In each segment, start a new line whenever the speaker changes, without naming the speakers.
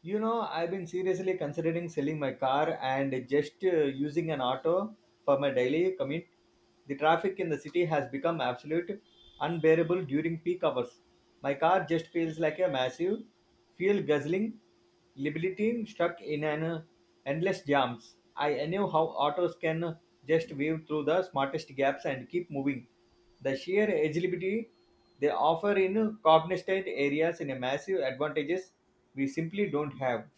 You know, I've been seriously considering selling my car and just using an auto for my daily commute. The traffic in the city has become absolute unbearable during peak hours. My car just feels like a massive fuel guzzling liability stuck in an endless jams. I knew how autos can just weave through the smartest gaps and keep moving. The sheer agility they offer in cognizant areas in a massive advantages we simply don't have.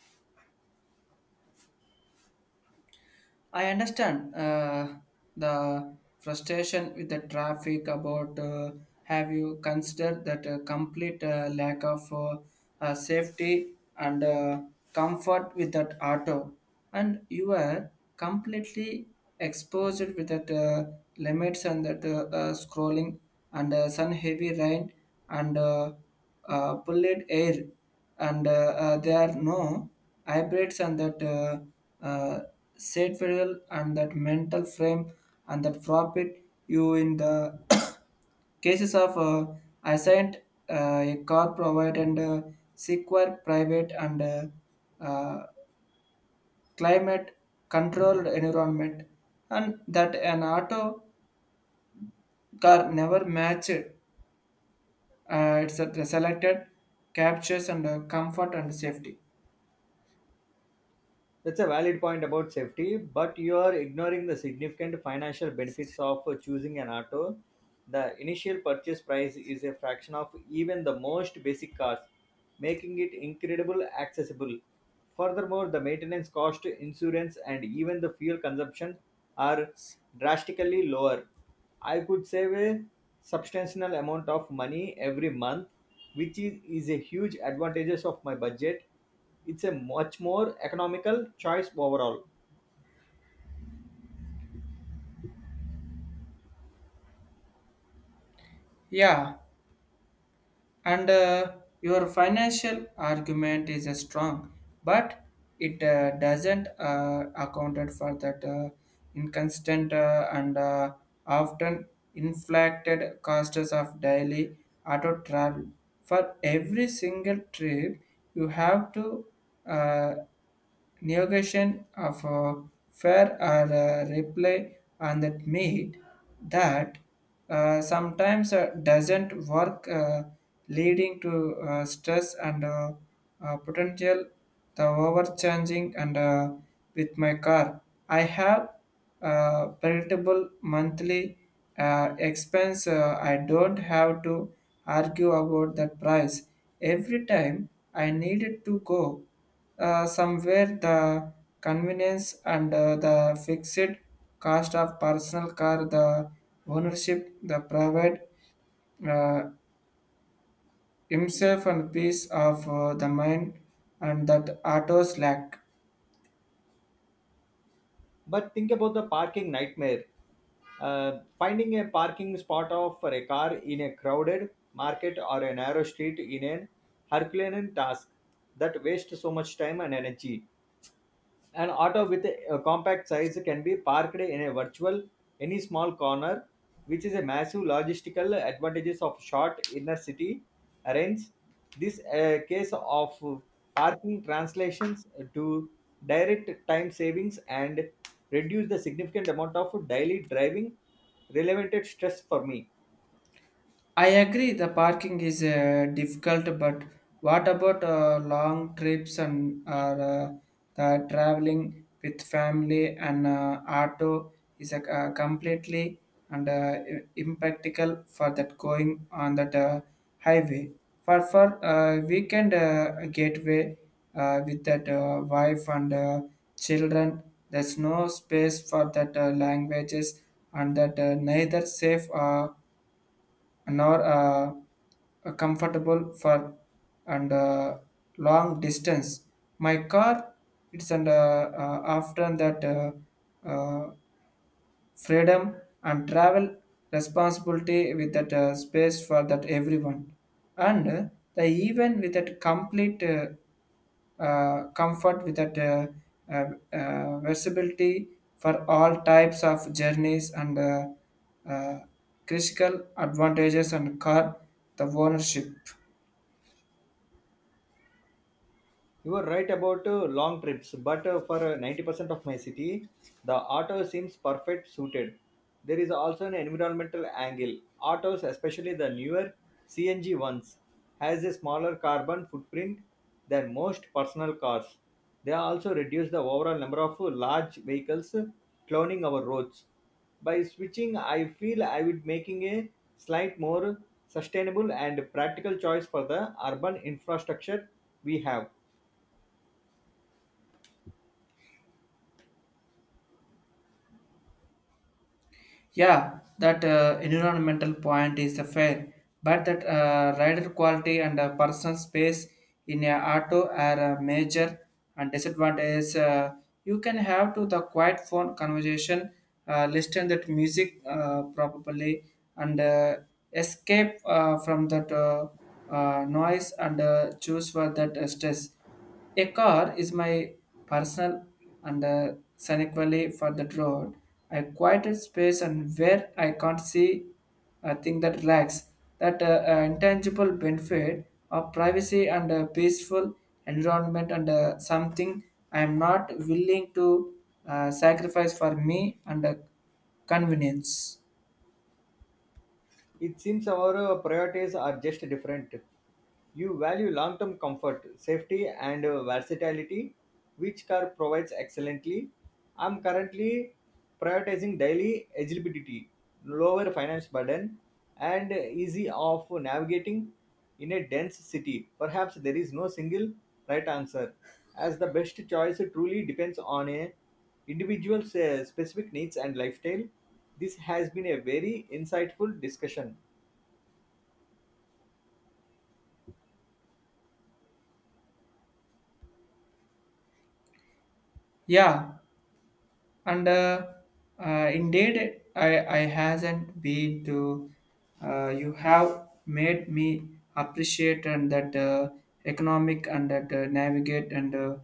I understand the frustration with the traffic about have you considered that a complete lack of safety and comfort with that auto and you are completely exposed with that limits and that scrolling and sun heavy rain and polluted air and there are no hybrids and that uh, set federal and that mental frame and that profit you in the cases of assigned a car provide and secure private and uh, climate controlled environment and that an auto car never matched its selected captures and comfort and safety.
That's a valid point about safety, but you are ignoring the significant financial benefits of choosing an auto. The initial purchase price is a fraction of even the most basic cars, making it incredible accessible. Furthermore, the maintenance cost, insurance, and even the fuel consumption are drastically lower. I could save a substantial amount of money every month, which is a huge advantage of my budget. It's a much more economical choice overall.
Yeah, and your financial argument is strong, but it doesn't accounted for that inconstant and often inflated costs of daily auto travel. For every single trip you have to uh, negation of a fair or a reply on that made that sometimes doesn't work, leading to stress and potential the overcharging. And with my car I have predictable monthly expense. Uh, I don't have to argue about that price every time I needed to go somewhere. The convenience and the fixed cost of personal car, the ownership, the provide uh, himself and peace of the mind, and that autos lack.
But think about the parking nightmare. Finding a parking spot of, for a car in a crowded market or a narrow street in an Herculean task that wastes so much time and energy. An auto with a compact size can be parked in a virtual any small corner, which is a massive logistical advantages of short inner city arrays. This case of parking translations to direct time savings and reduce the significant amount of daily driving related stress for me.
I agree the parking is difficult, but what about long trips and or, the traveling with family, and auto is a completely and impractical for that going on that highway. For weekend gateway with that wife and children, there's no space for that languages, and that neither safe. Nor comfortable for and long distance. My car, it's and after that uh, freedom and travel responsibility with that space for that everyone and the even with that complete comfort with that uh, visibility for all types of journeys and uh, critical advantages and car the ownership.
You are right about long trips, but for 90% of my city, the auto seems perfect suited. There is also an environmental angle. Autos, especially the newer CNG ones, has a smaller carbon footprint than most personal cars. They also reduce the overall number of large vehicles cloning our roads. By switching, I feel I would making a slight more sustainable and practical choice for the urban infrastructure we have.
Yeah, that environmental point is a fair, but that rider quality and personal space in a auto are a major and disadvantage. You can have to the quiet phone conversation, listen that music probably, and escape from that noise and choose for that stress. A car is my personal and unequally for that road. I quieted space and where I can't see a thing that lacks that intangible benefit of privacy and a peaceful environment, and something I am not willing to sacrifice for me and convenience.
It seems our priorities are just different. You value long term comfort, safety, and versatility, which car provides excellently. I'm currently prioritizing daily eligibility, lower finance burden, and easy of navigating in a dense city. Perhaps there is no single right answer as the best choice truly depends on a individual's specific needs and lifestyle. This has been a very insightful discussion.
Yeah, and indeed I hasn't been to you have made me appreciate and that economic and that navigate and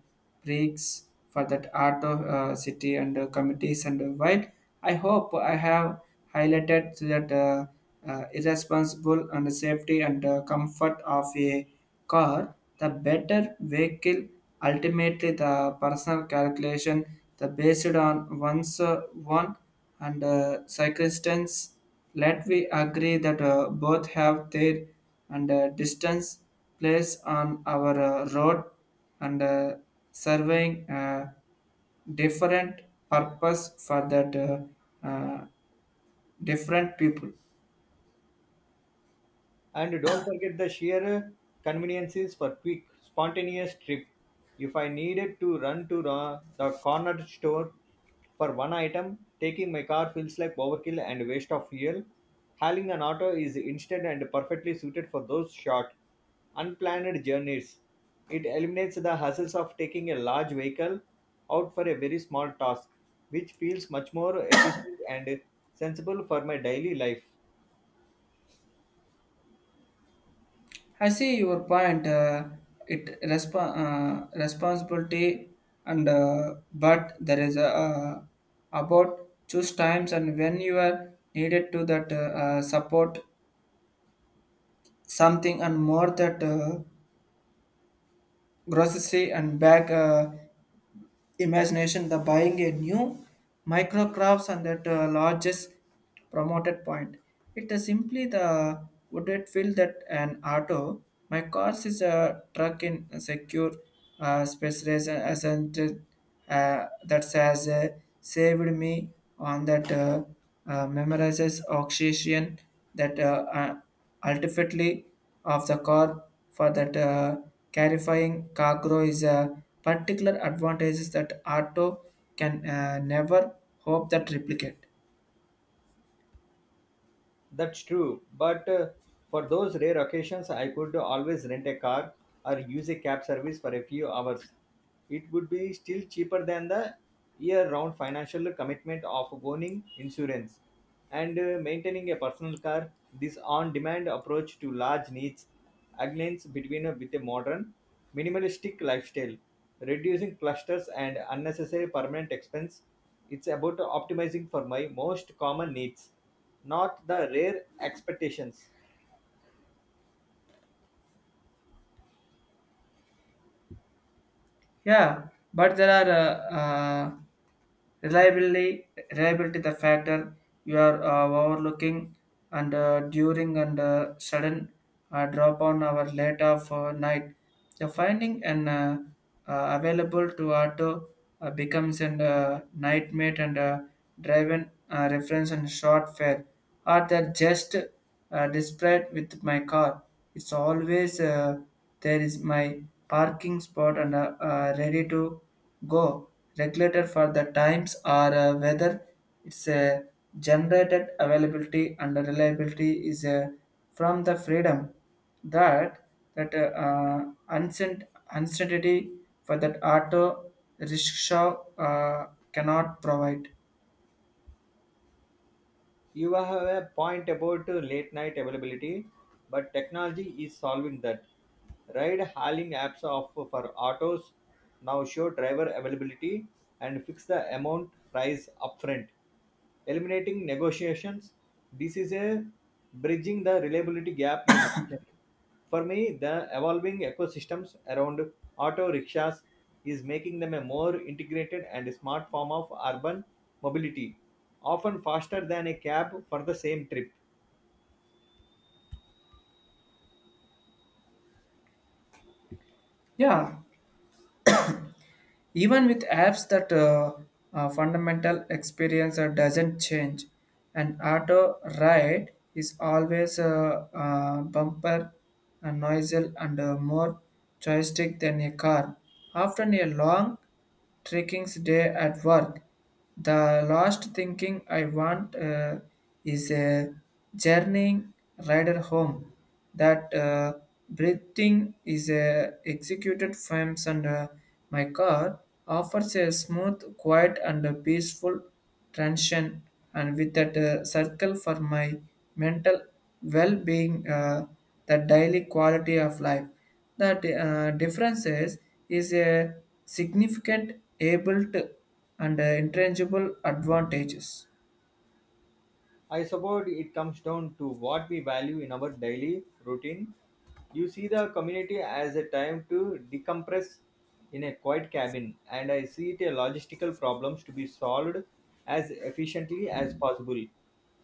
breaks for that art of city and committees and while I hope I have highlighted that irresponsible and safety and comfort of a car, the better vehicle. Ultimately, the personal calculation the based on one's one and circumstance. Let we agree that both have their and distance place on our road and serving different purpose for that different people.
And don't forget the sheer conveniences for quick, spontaneous trip. If I needed to run to the corner store for one item, taking my car feels like overkill and waste of fuel. Hailing an auto is instant and perfectly suited for those short, unplanned journeys. It eliminates the hassles of taking a large vehicle out for a very small task, which feels much more efficient and sensible for my daily life.
I see your point. It responsibility and but there is a about choose times and when you are needed to that support something and more that grocery and bag. Imagination the buying a new microcrafts and that largest promoted point it is simply the would it feel that an auto my cars is a truck in a secure space race ascent that has saved me on that memorizes oxygen that ultimately of the car for that clarifying cargo is a particular advantages that auto can never hope that replicate.
That's true, but for those rare occasions, I could always rent a car or use a cab service for a few hours. It would be still cheaper than the year round financial commitment of owning insurance and maintaining a personal car. This on demand approach to large needs aligns between with a modern, minimalistic lifestyle, reducing clusters and unnecessary permanent expense. It's about optimizing for my most common needs. Not the rare expectations.
Yeah, but there are reliability the factor you are overlooking and during and sudden drop on our late of night. The finding and available to auto becomes a nightmate and driven reference and short fare. Are the just displayed with my car. It's always there is my parking spot and ready to go. Regulated for the times or whether it's generated availability and reliability is from the freedom that that uncertainty for that auto rickshaw cannot provide.
You have a point about late night availability, but technology is solving that. Ride hailing apps of for autos now show driver availability and fix the amount price upfront. Eliminating negotiations. This is a bridging the reliability gap you mentioned. For me, the evolving ecosystems around auto rickshaws is making them a more integrated and smart form of urban mobility, often faster than a cab for the same trip.
Yeah, even with apps that fundamental experience doesn't change, an auto ride is always a, bumper, a noisel, and a more joystick than a car. Often a long Tricking's day at work. The last thinking I want is a journeying rider home. That breathing is executed from and my car offers a smooth, quiet, and a peaceful transition. And with that circle for my mental well-being, the daily quality of life. That differences is a significant able to and intangible advantages.
I suppose it comes down to what we value in our daily routine. You see the community as a time to decompress in a quiet cabin, and I see it a logistical problems to be solved as efficiently as possible.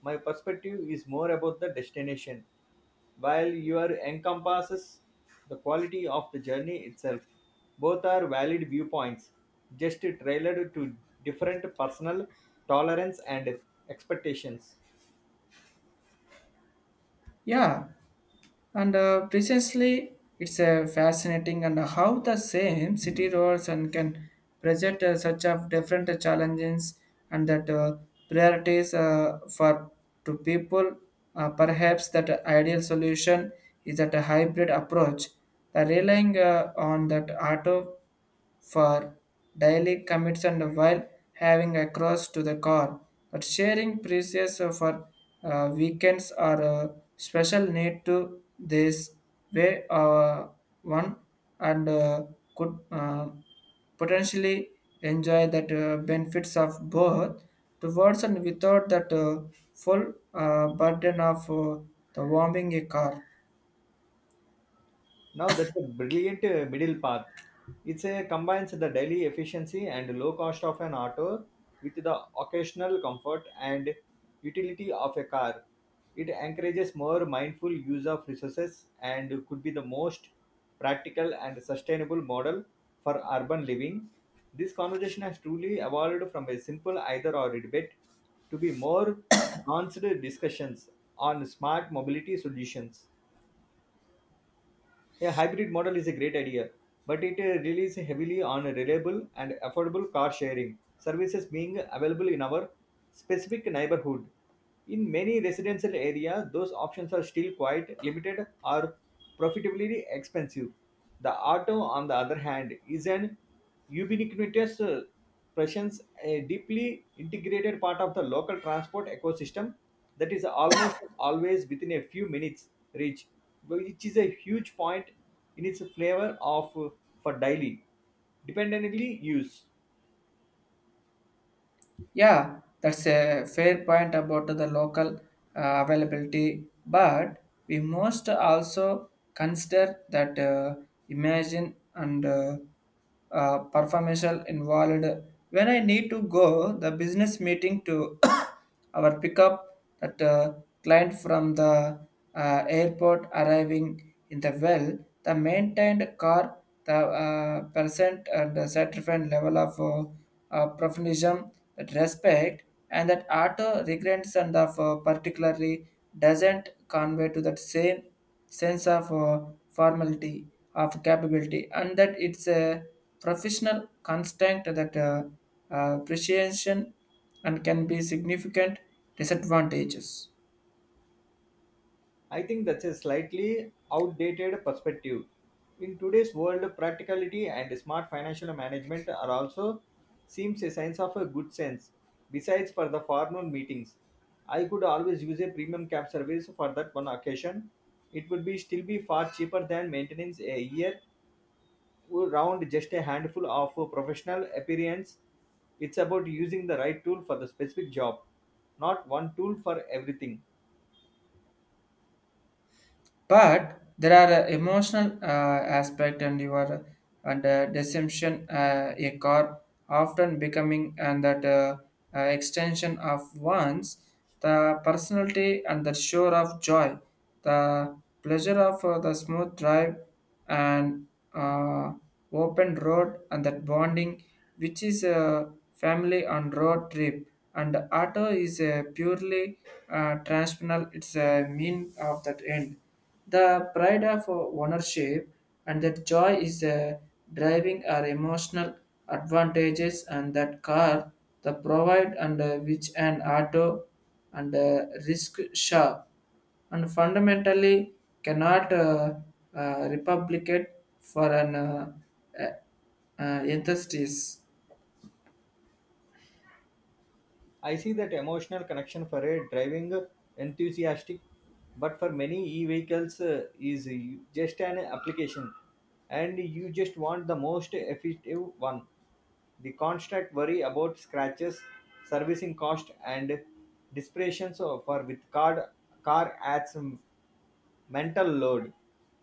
My perspective is more about the destination, while your encompasses the quality of the journey itself. Both are valid viewpoints, just tailored to different personal tolerance and expectations.
Yeah, and precisely it's a fascinating and how the same city roads and can present such of different challenges and that priorities for to people. Perhaps that ideal solution is that a hybrid approach, the relying on that auto for daily commutes and while having across to the car. But sharing precious for weekends or special need to this way one and could potentially enjoy that benefits of both towards and without that full burden of the warming a car.
Now that's a brilliant middle path. It's a combines the daily efficiency and low cost of an auto with the occasional comfort and utility of a car. It encourages more mindful use of resources and could be the most practical and sustainable model for urban living. This conversation has truly evolved from a simple either or debate to be more nuanced discussions on smart mobility solutions. A hybrid model is a great idea, but it relies heavily on reliable and affordable car sharing services being available in our specific neighborhood. In many residential areas, those options are still quite limited or profitably expensive. The auto, on the other hand, is an Ubiquitous presence, a deeply integrated part of the local transport ecosystem that is almost always within a few minutes reach, which is a huge point in its flavor of for daily, dependently use.
Yeah, that's a fair point about the local availability, but we must also consider that imagine and performance involved. When I need to go the business meeting to our pickup that client from the airport arriving in the well, the maintained car, the percent and the certified level of professionalism, that respect, and that utter regrets and of particularly doesn't convey to that same sense of formality of capability, and that it's a professional constraint that appreciation and can be significant disadvantages.
I think that's a slightly outdated perspective. In today's world, practicality and smart financial management are also seems a sign of a good sense. Besides for the formal meetings, I could always use a premium cab service for that one occasion. It would be still be far cheaper than maintenance a year round just a handful of professional appearance. It's about using the right tool for the specific job, not one tool for everything.
But there are emotional aspect and your and deception a car often becoming and that extension of one's the personality and the shore of joy the pleasure of the smooth drive and uh, open road and that bonding which is a family on road trip and auto is a purely transactional it's a mean of that end the pride of ownership and that joy is driving our emotional advantages and that car the provide and which an auto and risk shop and fundamentally cannot replicate for an uh, enthusiast.
I see that emotional connection for a driving enthusiastic, but for many e-vehicles is just an application, and you just want the most effective one. The constant worry about scratches, servicing cost, and desperations for with car adds mental load.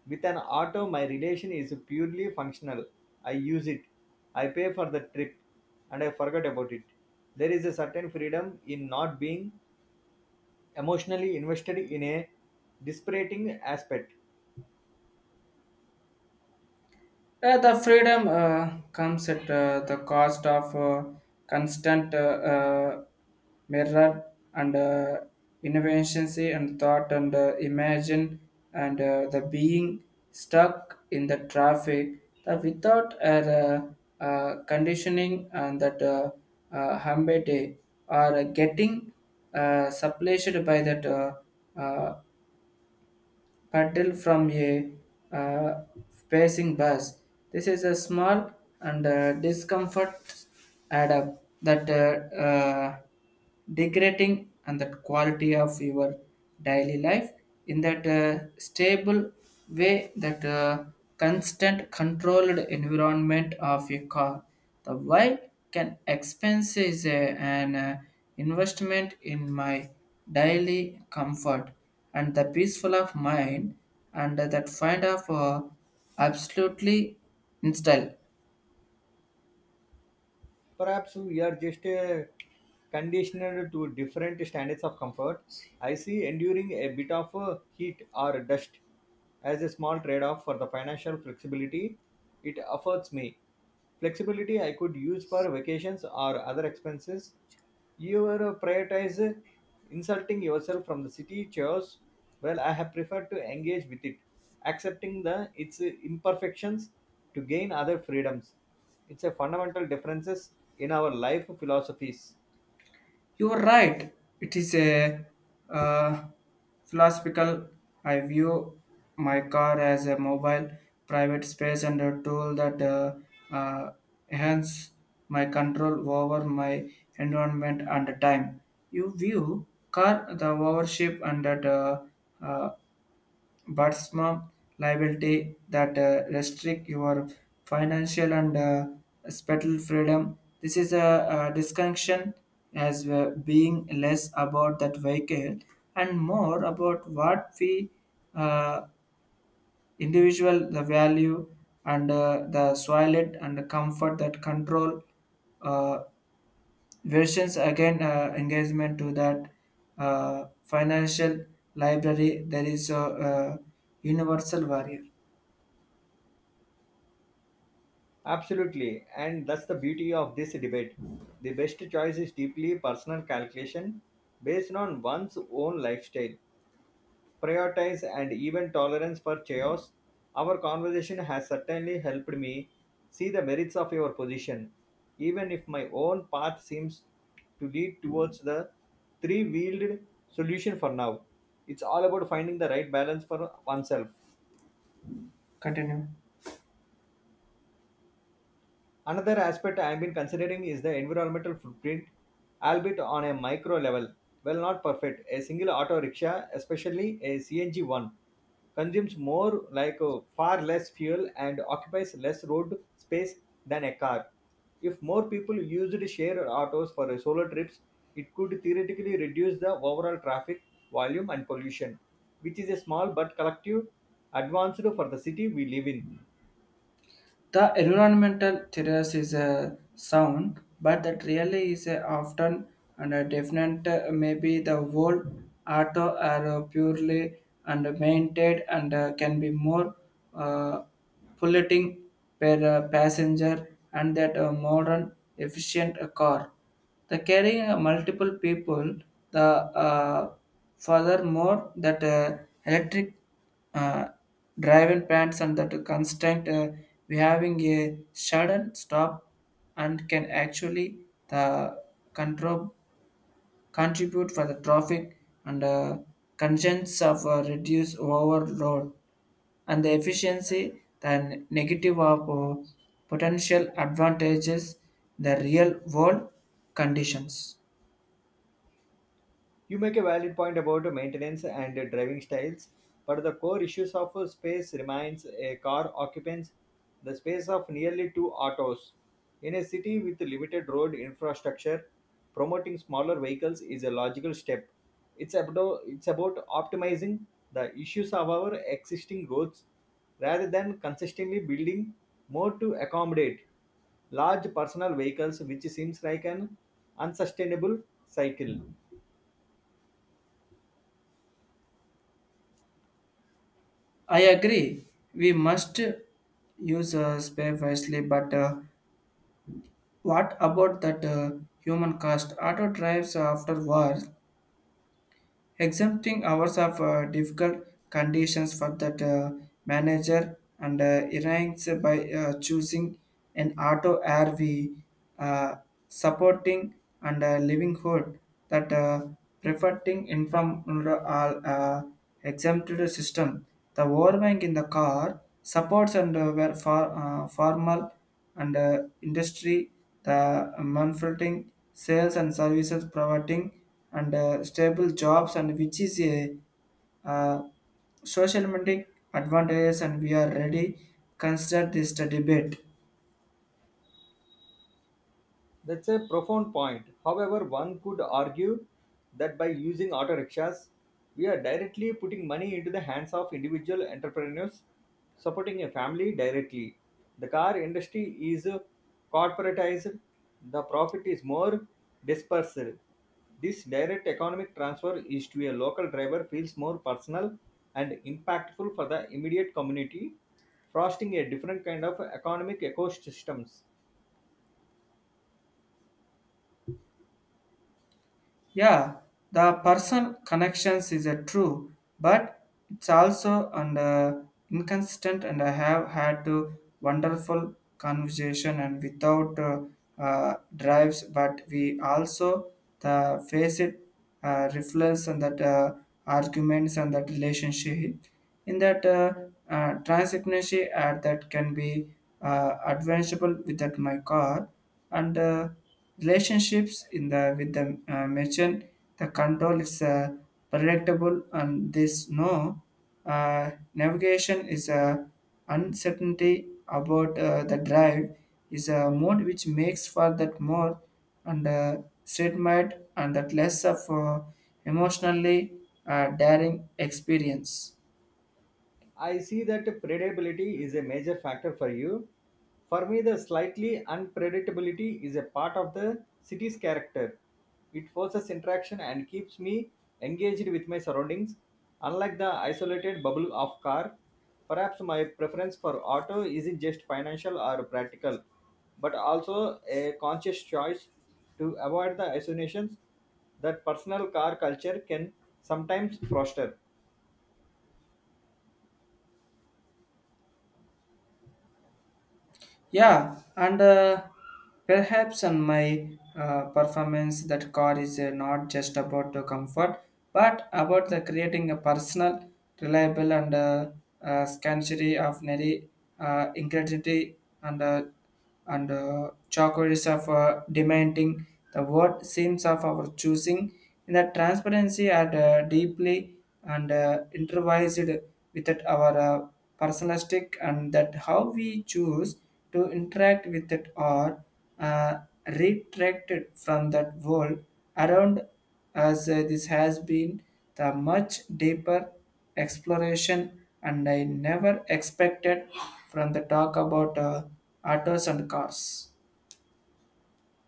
With an auto, my relation is purely functional. I use it, I pay for the trip, and I forget about it. There is a certain freedom in not being emotionally invested in a dispiriting aspect.
The freedom comes at the cost of constant mirror and inefficiency and thought and imagine and the being stuck in the traffic the without a conditioning and that humble day are getting supplanted by that uh, paddle from a uh, passing bus. This is a small and discomfort add up that degrading and that quality of your daily life in that stable way that constant controlled environment of your car. The why can expense is a, an investment in my daily comfort and the peaceful of mind and that find of absolutely in style.
Perhaps we are just conditioned to different standards of comfort. I see enduring a bit of heat or dust as a small trade off for the financial flexibility it affords me. Flexibility I could use for vacations or other expenses. You are, prioritize insulting yourself from the city chores. Well, I have preferred to engage with it, accepting the its imperfections to gain other freedoms. It's a fundamental differences in our life philosophies.
You are right. It is a uh, philosophical. I view my car as a mobile private space and a tool that uh, enhance my control over my environment and time. You view car the ownership and that uh, but some liability that restrict your financial and spiritual freedom. This is a disconnection as being less about that vehicle and more about what we uh, individual the value and the soil it and the comfort that control uh, versions again engagement to that financial library there is a universal warrior.
Absolutely, and that's the beauty of this debate. The best choice is deeply personal calculation based on one's own lifestyle prioritize and even tolerance for chaos. Our conversation has certainly helped me see the merits of your position, even if my own path seems to lead towards the three-wheeled solution for now. It's all about finding the right balance for oneself.
Continue.
Another aspect I have been considering is the environmental footprint, albeit on a micro level. Well, not perfect. A single auto rickshaw, especially a CNG one, consumes more, like far less fuel and occupies less road space than a car. If more people used share autos for solo trips, it could theoretically reduce the overall traffic volume and pollution, which is a small but collective advance for the city we live in.
The environmental terrace is a sound, but that really is a often and a definite maybe the whole auto are purely and maintained and can be more uh, polluting per passenger and that a modern efficient car. The carrying multiple people, the uh, furthermore that electric uh, driving plants and that constant we having a sudden stop and can actually the control contribute for the traffic and congestions of reduce overload and the efficiency the negative of potential advantages the real world conditions.
You make a valid point about maintenance and driving styles, but the core issues of space remains a car occupants the space of nearly two autos. In a city with limited road infrastructure, promoting smaller vehicles is a logical step. It's about optimizing the issues of our existing roads rather than consistently building more to accommodate large personal vehicles, which seems like an unsustainable cycle.
I agree we must use spare wisely, but what about that human cost? Auto drives after war, exempting hours of difficult conditions for that manager and ranks by choosing an auto RV, uh, supporting and livelihood that preferring income under all exempted system. The overwhelming in the car supports and were for, formal and industry, the manufacturing, sales and services providing and stable jobs and which is a uh, social metric advantages and we are ready consider this the debate.
That's a profound point. However, one could argue that by using auto rickshaws, we are directly putting money into the hands of individual entrepreneurs, supporting a family directly. The car industry is corporatized, the profit is more dispersed. This direct economic transfer is to a local driver feels more personal and impactful for the immediate community, fostering a different kind of economic ecosystems.
Yeah, the person connections is a true, but it's also and inconsistent. And I have had to wonderful conversation and without drives, but we also the face it reflects and that arguments and that relationship in that transparency ad that can be advanceable with that my car and relationships in the with the merchant the control is predictable and this no navigation is a uncertainty about the drive is a mode which makes for that more and statement and that less of emotionally daring experience.
I see that predictability is a major factor for you. For me, the slightly unpredictability is a part of the city's character. It forces interaction and keeps me engaged with my surroundings, unlike the isolated bubble of car. Perhaps my preference for auto isn't just financial or practical, but also a conscious choice to avoid the isolations that personal car culture can sometimes foster.
Yeah, and perhaps on my performance, that car is not just about the comfort, but about the creating a personal, reliable, and scansory of nary integrity and chocolate of demanding the word seems of our choosing in the transparency and deeply and improvised with that our personalistic and that how we choose to interact with it or uh, retracted from that world around as this has been the much deeper exploration and I never expected from the talk about autos and cars.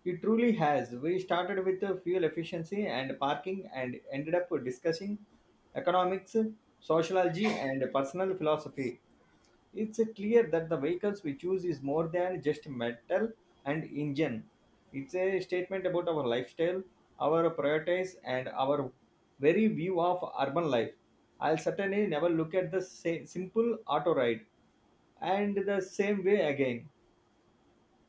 It truly has. We started with the fuel efficiency and parking and ended up discussing economics, sociology, and personal philosophy. It's clear that the vehicles we choose is more than just metal and engine. It's a statement about our lifestyle, our priorities, and our very view of urban life. I'll certainly never look at the simple auto ride and the same way again.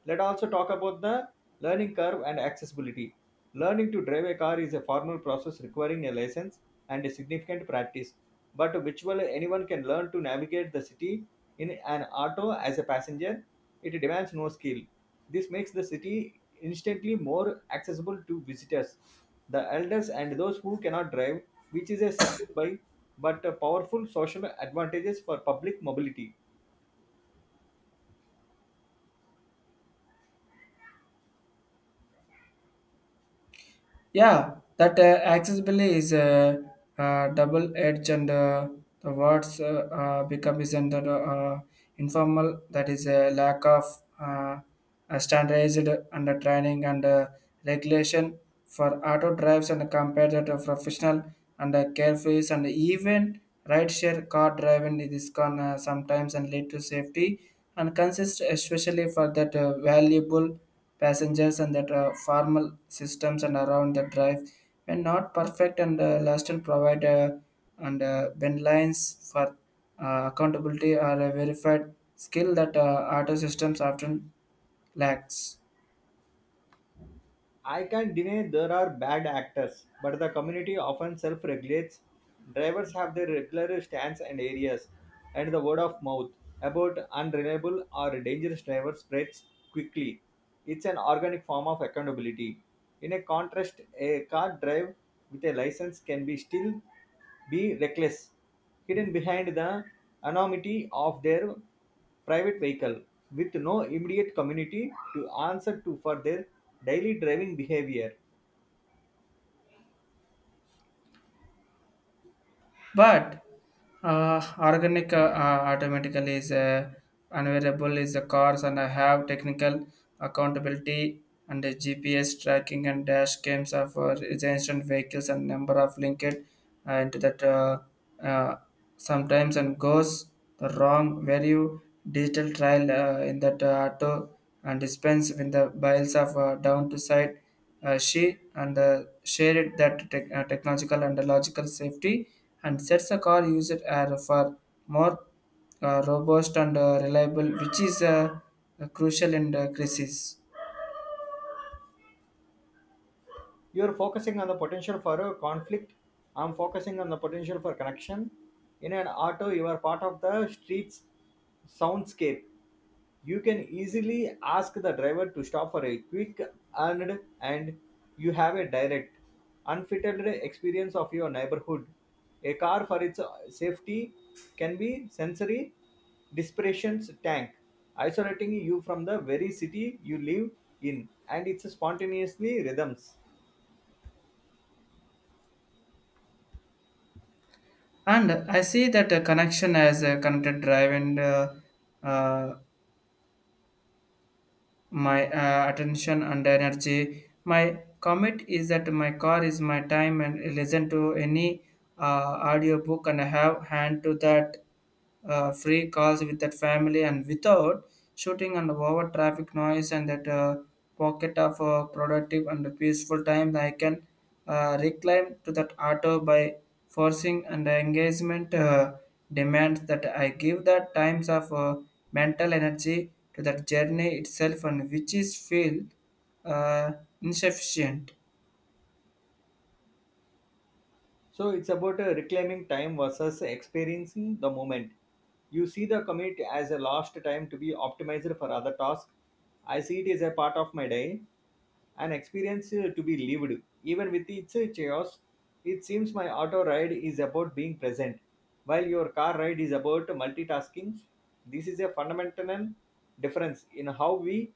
Let also talk about the learning curve and accessibility. Learning to drive a car is a formal process requiring a license and a significant practice, but virtually anyone can learn to navigate the city in an auto as a passenger. It demands no skill. This makes the city instantly more accessible to visitors, the elders, and those who cannot drive, which is a subtle by but a powerful social advantages for public mobility.
Yeah, that accessibility is a double edge, and the words become is under informal. That is a lack of uh, a standardized under training and regulation for auto drives and compared to professional and carefree and even rideshare car driving. It is can sometimes and lead to safety and consist especially for that valuable passengers and that formal systems and around the drive when not perfect and lasted provide and when lines for accountability are a verified skill that auto systems often lacks.
I can't deny there are bad actors, but the community often self regulates. Drivers have their regular stands and areas, and the word of mouth about unreliable or dangerous drivers spreads quickly. It's an organic form of accountability. In a contrast, a car drive with a license can be still be reckless, hidden behind the anonymity of their private vehicle, with no immediate community to answer to for their daily driving behavior.
But organic automatically is unavailable is the cars and I have technical accountability and the GPS tracking and dash cams of the instant vehicles and number of linked into that uh, sometimes and goes the wrong value digital trial in that auto and dispense with the biles of down to side she and shared that tech technological and logical safety and sets the car user for more robust and reliable, which is crucial in the crisis.
You're focusing on the potential for a conflict. I'm focusing on the potential for connection. In an auto, you are part of the street's soundscape. You can easily ask the driver to stop for a quick and you have a direct, unfiltered experience of your neighborhood. A car for its safety can be sensory desperation's tank, isolating you from the very city you live in and its spontaneously rhythms.
And I see that connection as a connected drive and uh, my attention and energy. My commit is that my car is my time and listen to any audiobook and have hand to that free calls with that family and without shooting and over traffic noise and that pocket of productive and peaceful time I can reclaim to that auto by forcing and engagement demands that I give the times of mental energy to that journey itself and which is feel uh, insufficient.
So it's about reclaiming time versus experiencing the moment. You see the commute as a lost time to be optimized for other tasks. I see it as a part of my day, an experience to be lived. Even with its chaos, it seems my auto ride is about being present, while your car ride is about multitasking. This is a fundamental difference in how we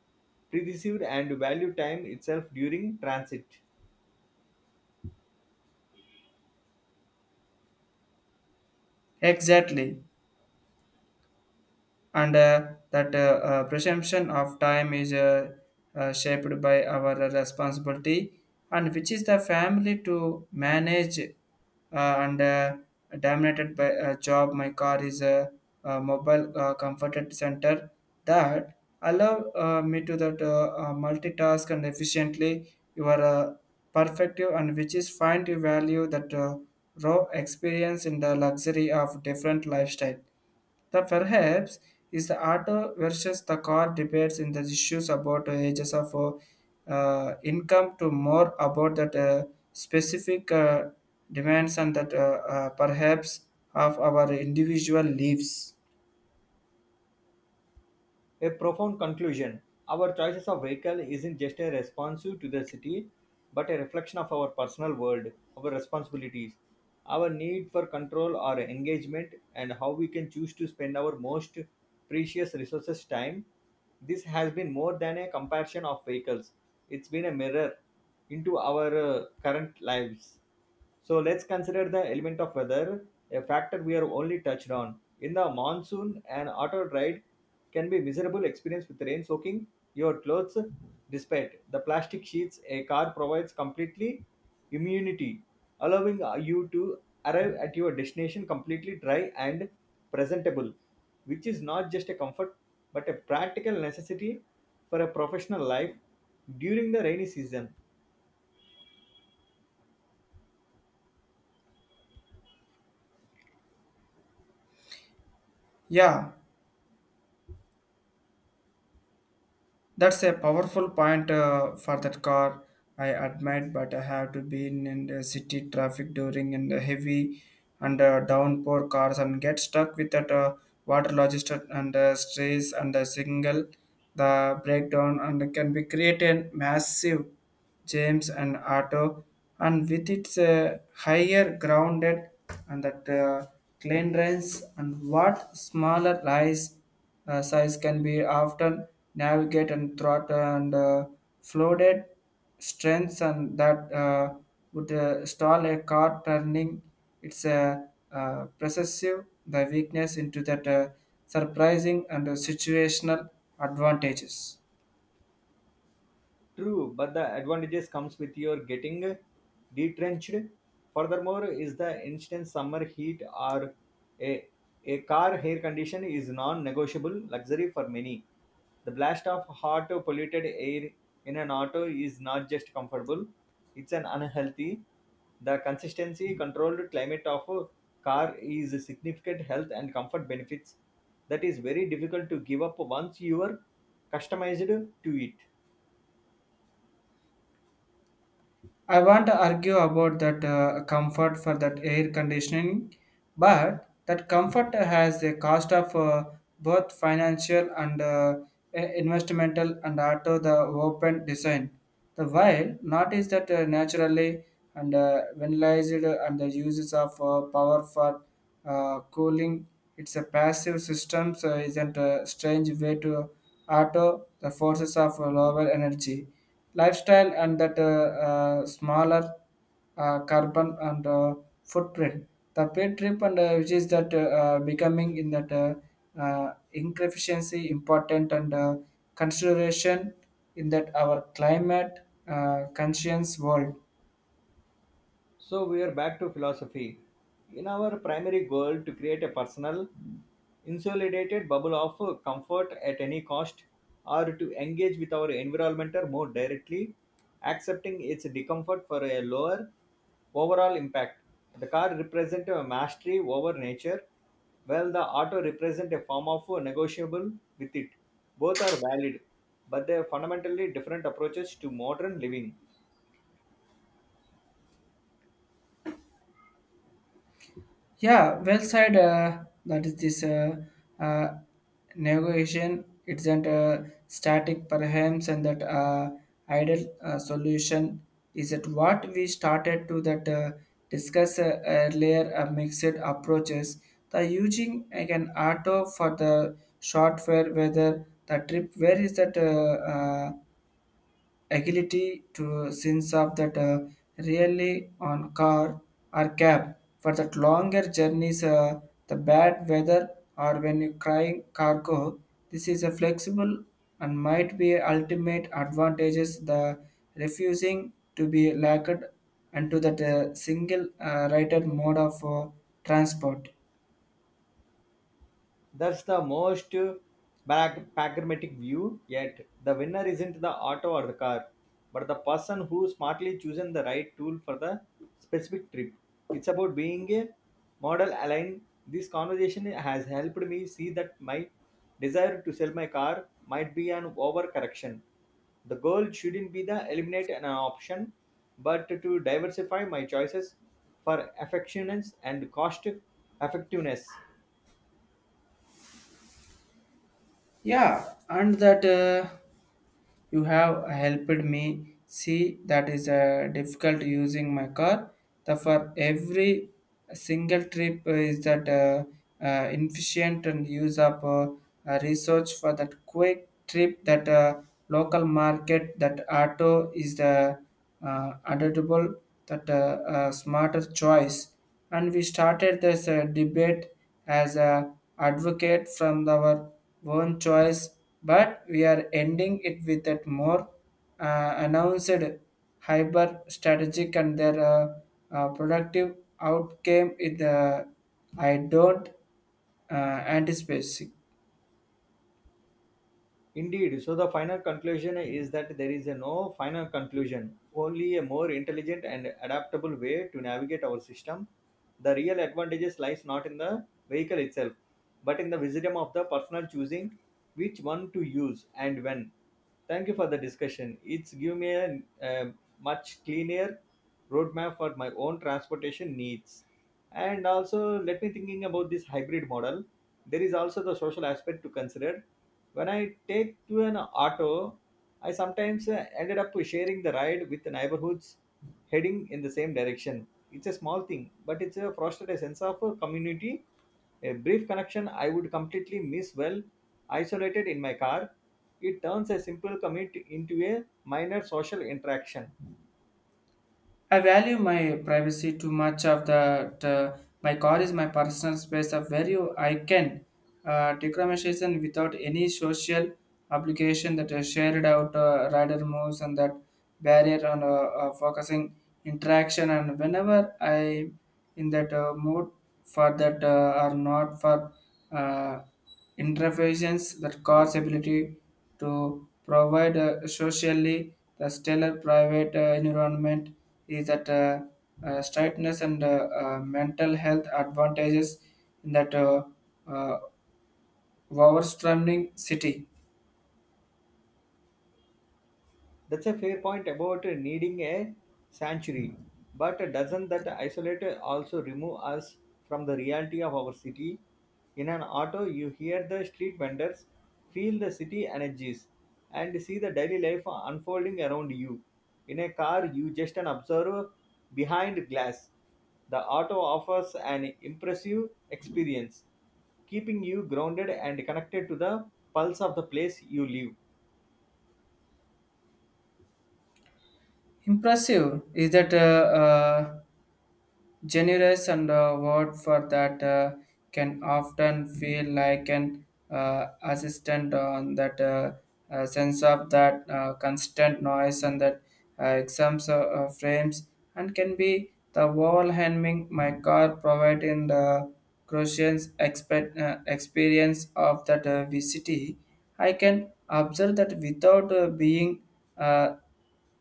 perceive and value time itself during transit.
Exactly. And that presumption of time is shaped by our responsibility and which is the family to manage and dominated by a job my car is a mobile comforted center that allow me to that multitask and efficiently your perspective and which is fine to value that raw experience in the luxury of different lifestyle. The perhaps is the auto versus the car debates in the issues about the ages of income to more about that specific demands and that perhaps of our individual lives.
A profound conclusion. Our choices of vehicle isn't just a response to the city, but a reflection of our personal world, our responsibilities, our need for control or engagement, and how we can choose to spend our most precious resources time. This has been more than a comparison of vehicles, it's been a mirror into our current lives. So let's consider the element of weather, a factor we are only touched on. In the monsoon, an auto ride can be miserable experience with rain soaking your clothes despite the plastic sheets a car provides completely immunity, allowing you to arrive at your destination completely dry and presentable, which is not just a comfort but a practical necessity for a professional life during the rainy season.
Yeah, that's a powerful point for that car. I admit, but I have to be in the city traffic during in the heavy and downpour cars and get stuck with that water logistics and stress and the single the breakdown and can be create a massive James and Otto, and with its higher grounded and that cleanliness and what smaller lies size can be often navigate and thought and floated strengths and that would stall a car turning its possessive the weakness into that surprising and situational advantages.
True, but the advantages comes with your getting detrenched. Furthermore, is the instant summer heat or a, a car air condition is non-negotiable luxury for many. The blast of hot polluted air in an auto is not just comfortable, it's an unhealthy. The consistency controlled climate of a car is a significant health and comfort benefits that is very difficult to give up once you are customized to it.
I want to argue about that comfort for that air conditioning, but that comfort has a cost of both financial and investmental and auto the open design. The while not is that naturally and vandalized and the uses of power for cooling. It's a passive system, so isn't a strange way to auto, the forces of lower energy, lifestyle, and that smaller carbon and footprint. The paid trip and which is that becoming in that inefficiency important and consideration in that our climate conscious world.
So we are back to philosophy. In our primary goal to create a personal, insulated bubble of comfort at any cost, or to engage with our environment more directly, accepting its discomfort for a lower overall impact. The car represents a mastery over nature, while the auto represents a form of negotiable with it. Both are valid, but they are fundamentally different approaches to modern living.
Yeah, well said. That is this uh, negotiation. It's not a static, perhaps, and that ideal solution is that what we started to that discuss earlier. Mixed approaches. The using like an auto for the short fare, whether the trip where is that ability to sense of that really on car or cab for that longer journeys the bad weather or when you crying cargo this is a flexible and might be ultimate advantages the refusing to be lacked and to that single rider mode of transport.
That's the most pragmatic view yet. The winner isn't the auto or the car, but the person who smartly chosen the right tool for the specific trip. It's about being a model aligned. This conversation has helped me see that my desire to sell my car might be an overcorrection. The goal shouldn't be the eliminate an option, but to diversify my choices for affections and cost effectiveness.
Yeah, and that you have helped me see that is difficult using my car. The for every single trip is that efficient and use up research for that quick trip that local market that auto is the adaptable that smarter choice and we started this debate as a advocate from our own choice but we are ending it with a more announced hyper strategic and their productive outcome in the I don't uh, anticipate.
Indeed, so the final conclusion is that there is a no final conclusion, only a more intelligent and adaptable way to navigate our system. The real advantages lies not in the vehicle itself, but in the wisdom of the personal choosing which one to use and when. Thank you for the discussion. It's give me a much cleaner roadmap for my own transportation needs. And also, let me thinking about this hybrid model. There is also the social aspect to consider when I take to an auto, I sometimes ended up sharing the ride with the neighborhoods heading in the same direction. It's a small thing, but it's a fostered a sense of community, a brief connection I would completely miss well isolated in my car. It turns a simple commute into a minor social interaction.
I value my privacy too much of that. My car is my personal space of where you, I can decrementation without any social obligation that is shared out rider moves and that barrier on focusing interaction and whenever I in that mood for that or not for uh, interference that car's ability to provide a socially the stellar private environment is that straightness and mental health advantages in that uh, overwhelming city.
That's a fair point about needing a sanctuary. But doesn't that isolate also remove us from the reality of our city? In an auto, you hear the street vendors, feel the city energies, and see the daily life unfolding around you. In a car, you just an observer behind glass. The auto offers an impressive experience, keeping you grounded and connected to the pulse of the place you live.
Impressive is that generous and a word for that can often feel like an assistant on that sense of that constant noise and that exams frames and can be the wall hemming my car providing the crucial experience of that VCT. I can observe that without being uh,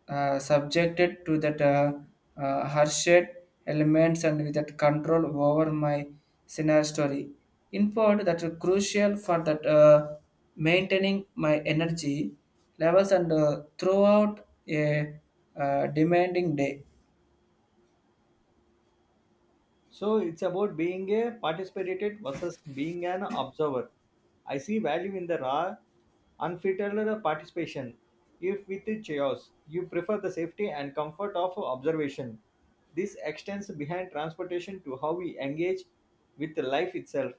subjected to that harshed elements and with that control over my scenario story. In part, that's crucial for that maintaining my energy levels and throughout a demanding day.
So it's about being a participated versus being an observer. I see value in the raw, unfiltered participation. If with the chaos, you prefer the safety and comfort of observation. This extends behind transportation to how we engage with life itself.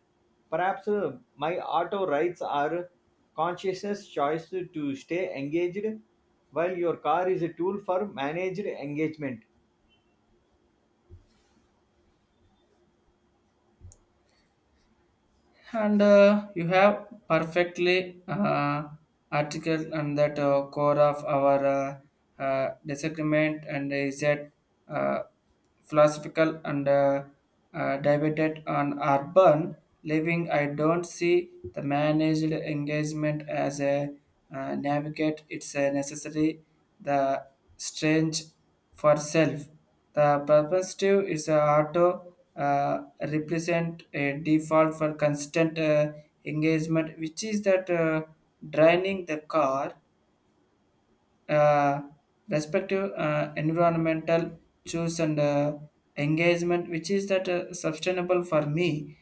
Perhaps my auto rides are consciousness choice to stay engaged, while your car is a tool for managed engagement.
And you have perfectly article on that core of our disagreement and is that uh, philosophical and debated on urban living. I don't see the managed engagement as a navigate it's a necessary the strange for self the perspective is a auto represent a default for constant engagement, which is that draining the car, uh, respective environmental choice and engagement, which is that sustainable for me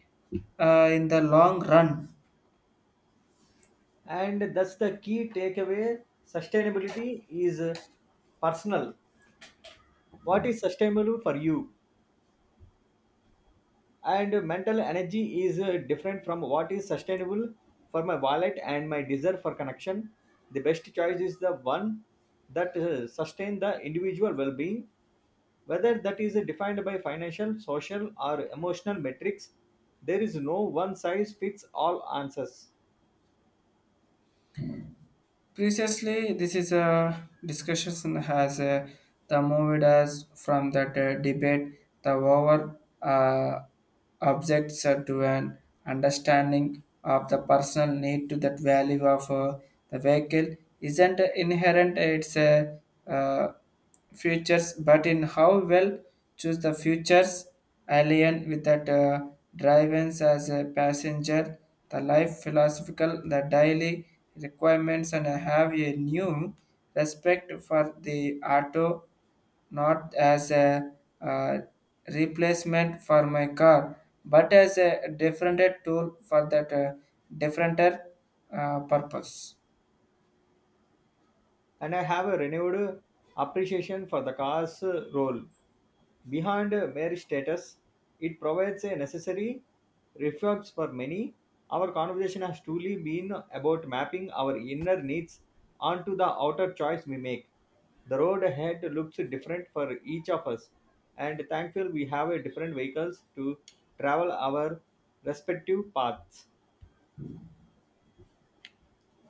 in the long run.
And that's the key takeaway. Sustainability is personal. What is sustainable for you? And mental energy is different from what is sustainable for my wallet and my desire for connection. The best choice is the one that sustain the individual well-being, whether that is defined by financial, social, or emotional metrics. There is no one size fits all answers.
Previously, this is a discussion has the moved us from that debate, the over objects to an understanding of the personal need to that value of the vehicle isn't inherent. It's a uh, futures, but in how well choose the futures alien with that drive-ins as a passenger, the life philosophical, the daily requirements, and have a new respect for the auto, not as a uh, replacement for my car, but as a different tool for that different purpose.
And I have a renewed appreciation for the car's role. Behind mere status, it provides a necessary refuge for many. Our conversation has truly been about mapping our inner needs onto the outer choice we make. The road ahead looks different for each of us, and thankful we have a different vehicles to travel our respective paths.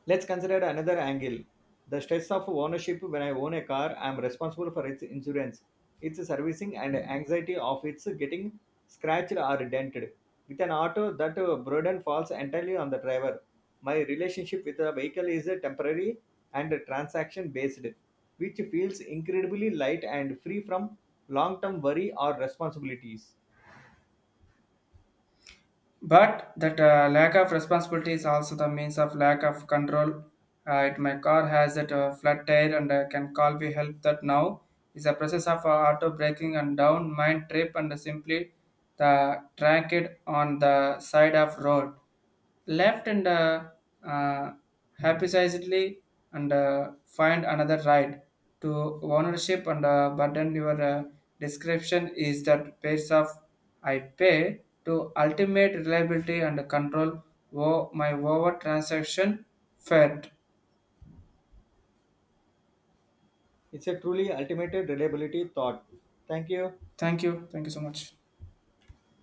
Let's consider another angle the stress of ownership. When I own a car, I am responsible for its insurance, its servicing, and anxiety of its getting scratched or dented. With an auto, that burden falls entirely on the driver. My relationship with the vehicle is temporary and transaction based, which feels incredibly light and free from long term worry or responsibilities.
But that lack of responsibility is also the means of lack of control. It, my car has that flat tire and can call we help that now is a process of auto braking and down mind trip and simply the track it on the side of road left and uh, haphazardly and find another ride to ownership and burden, your description is that pace of I pay to ultimate reliability and control my over transaction fed.
It's a truly ultimate reliability thought. Thank you.
Thank you. Thank you so much.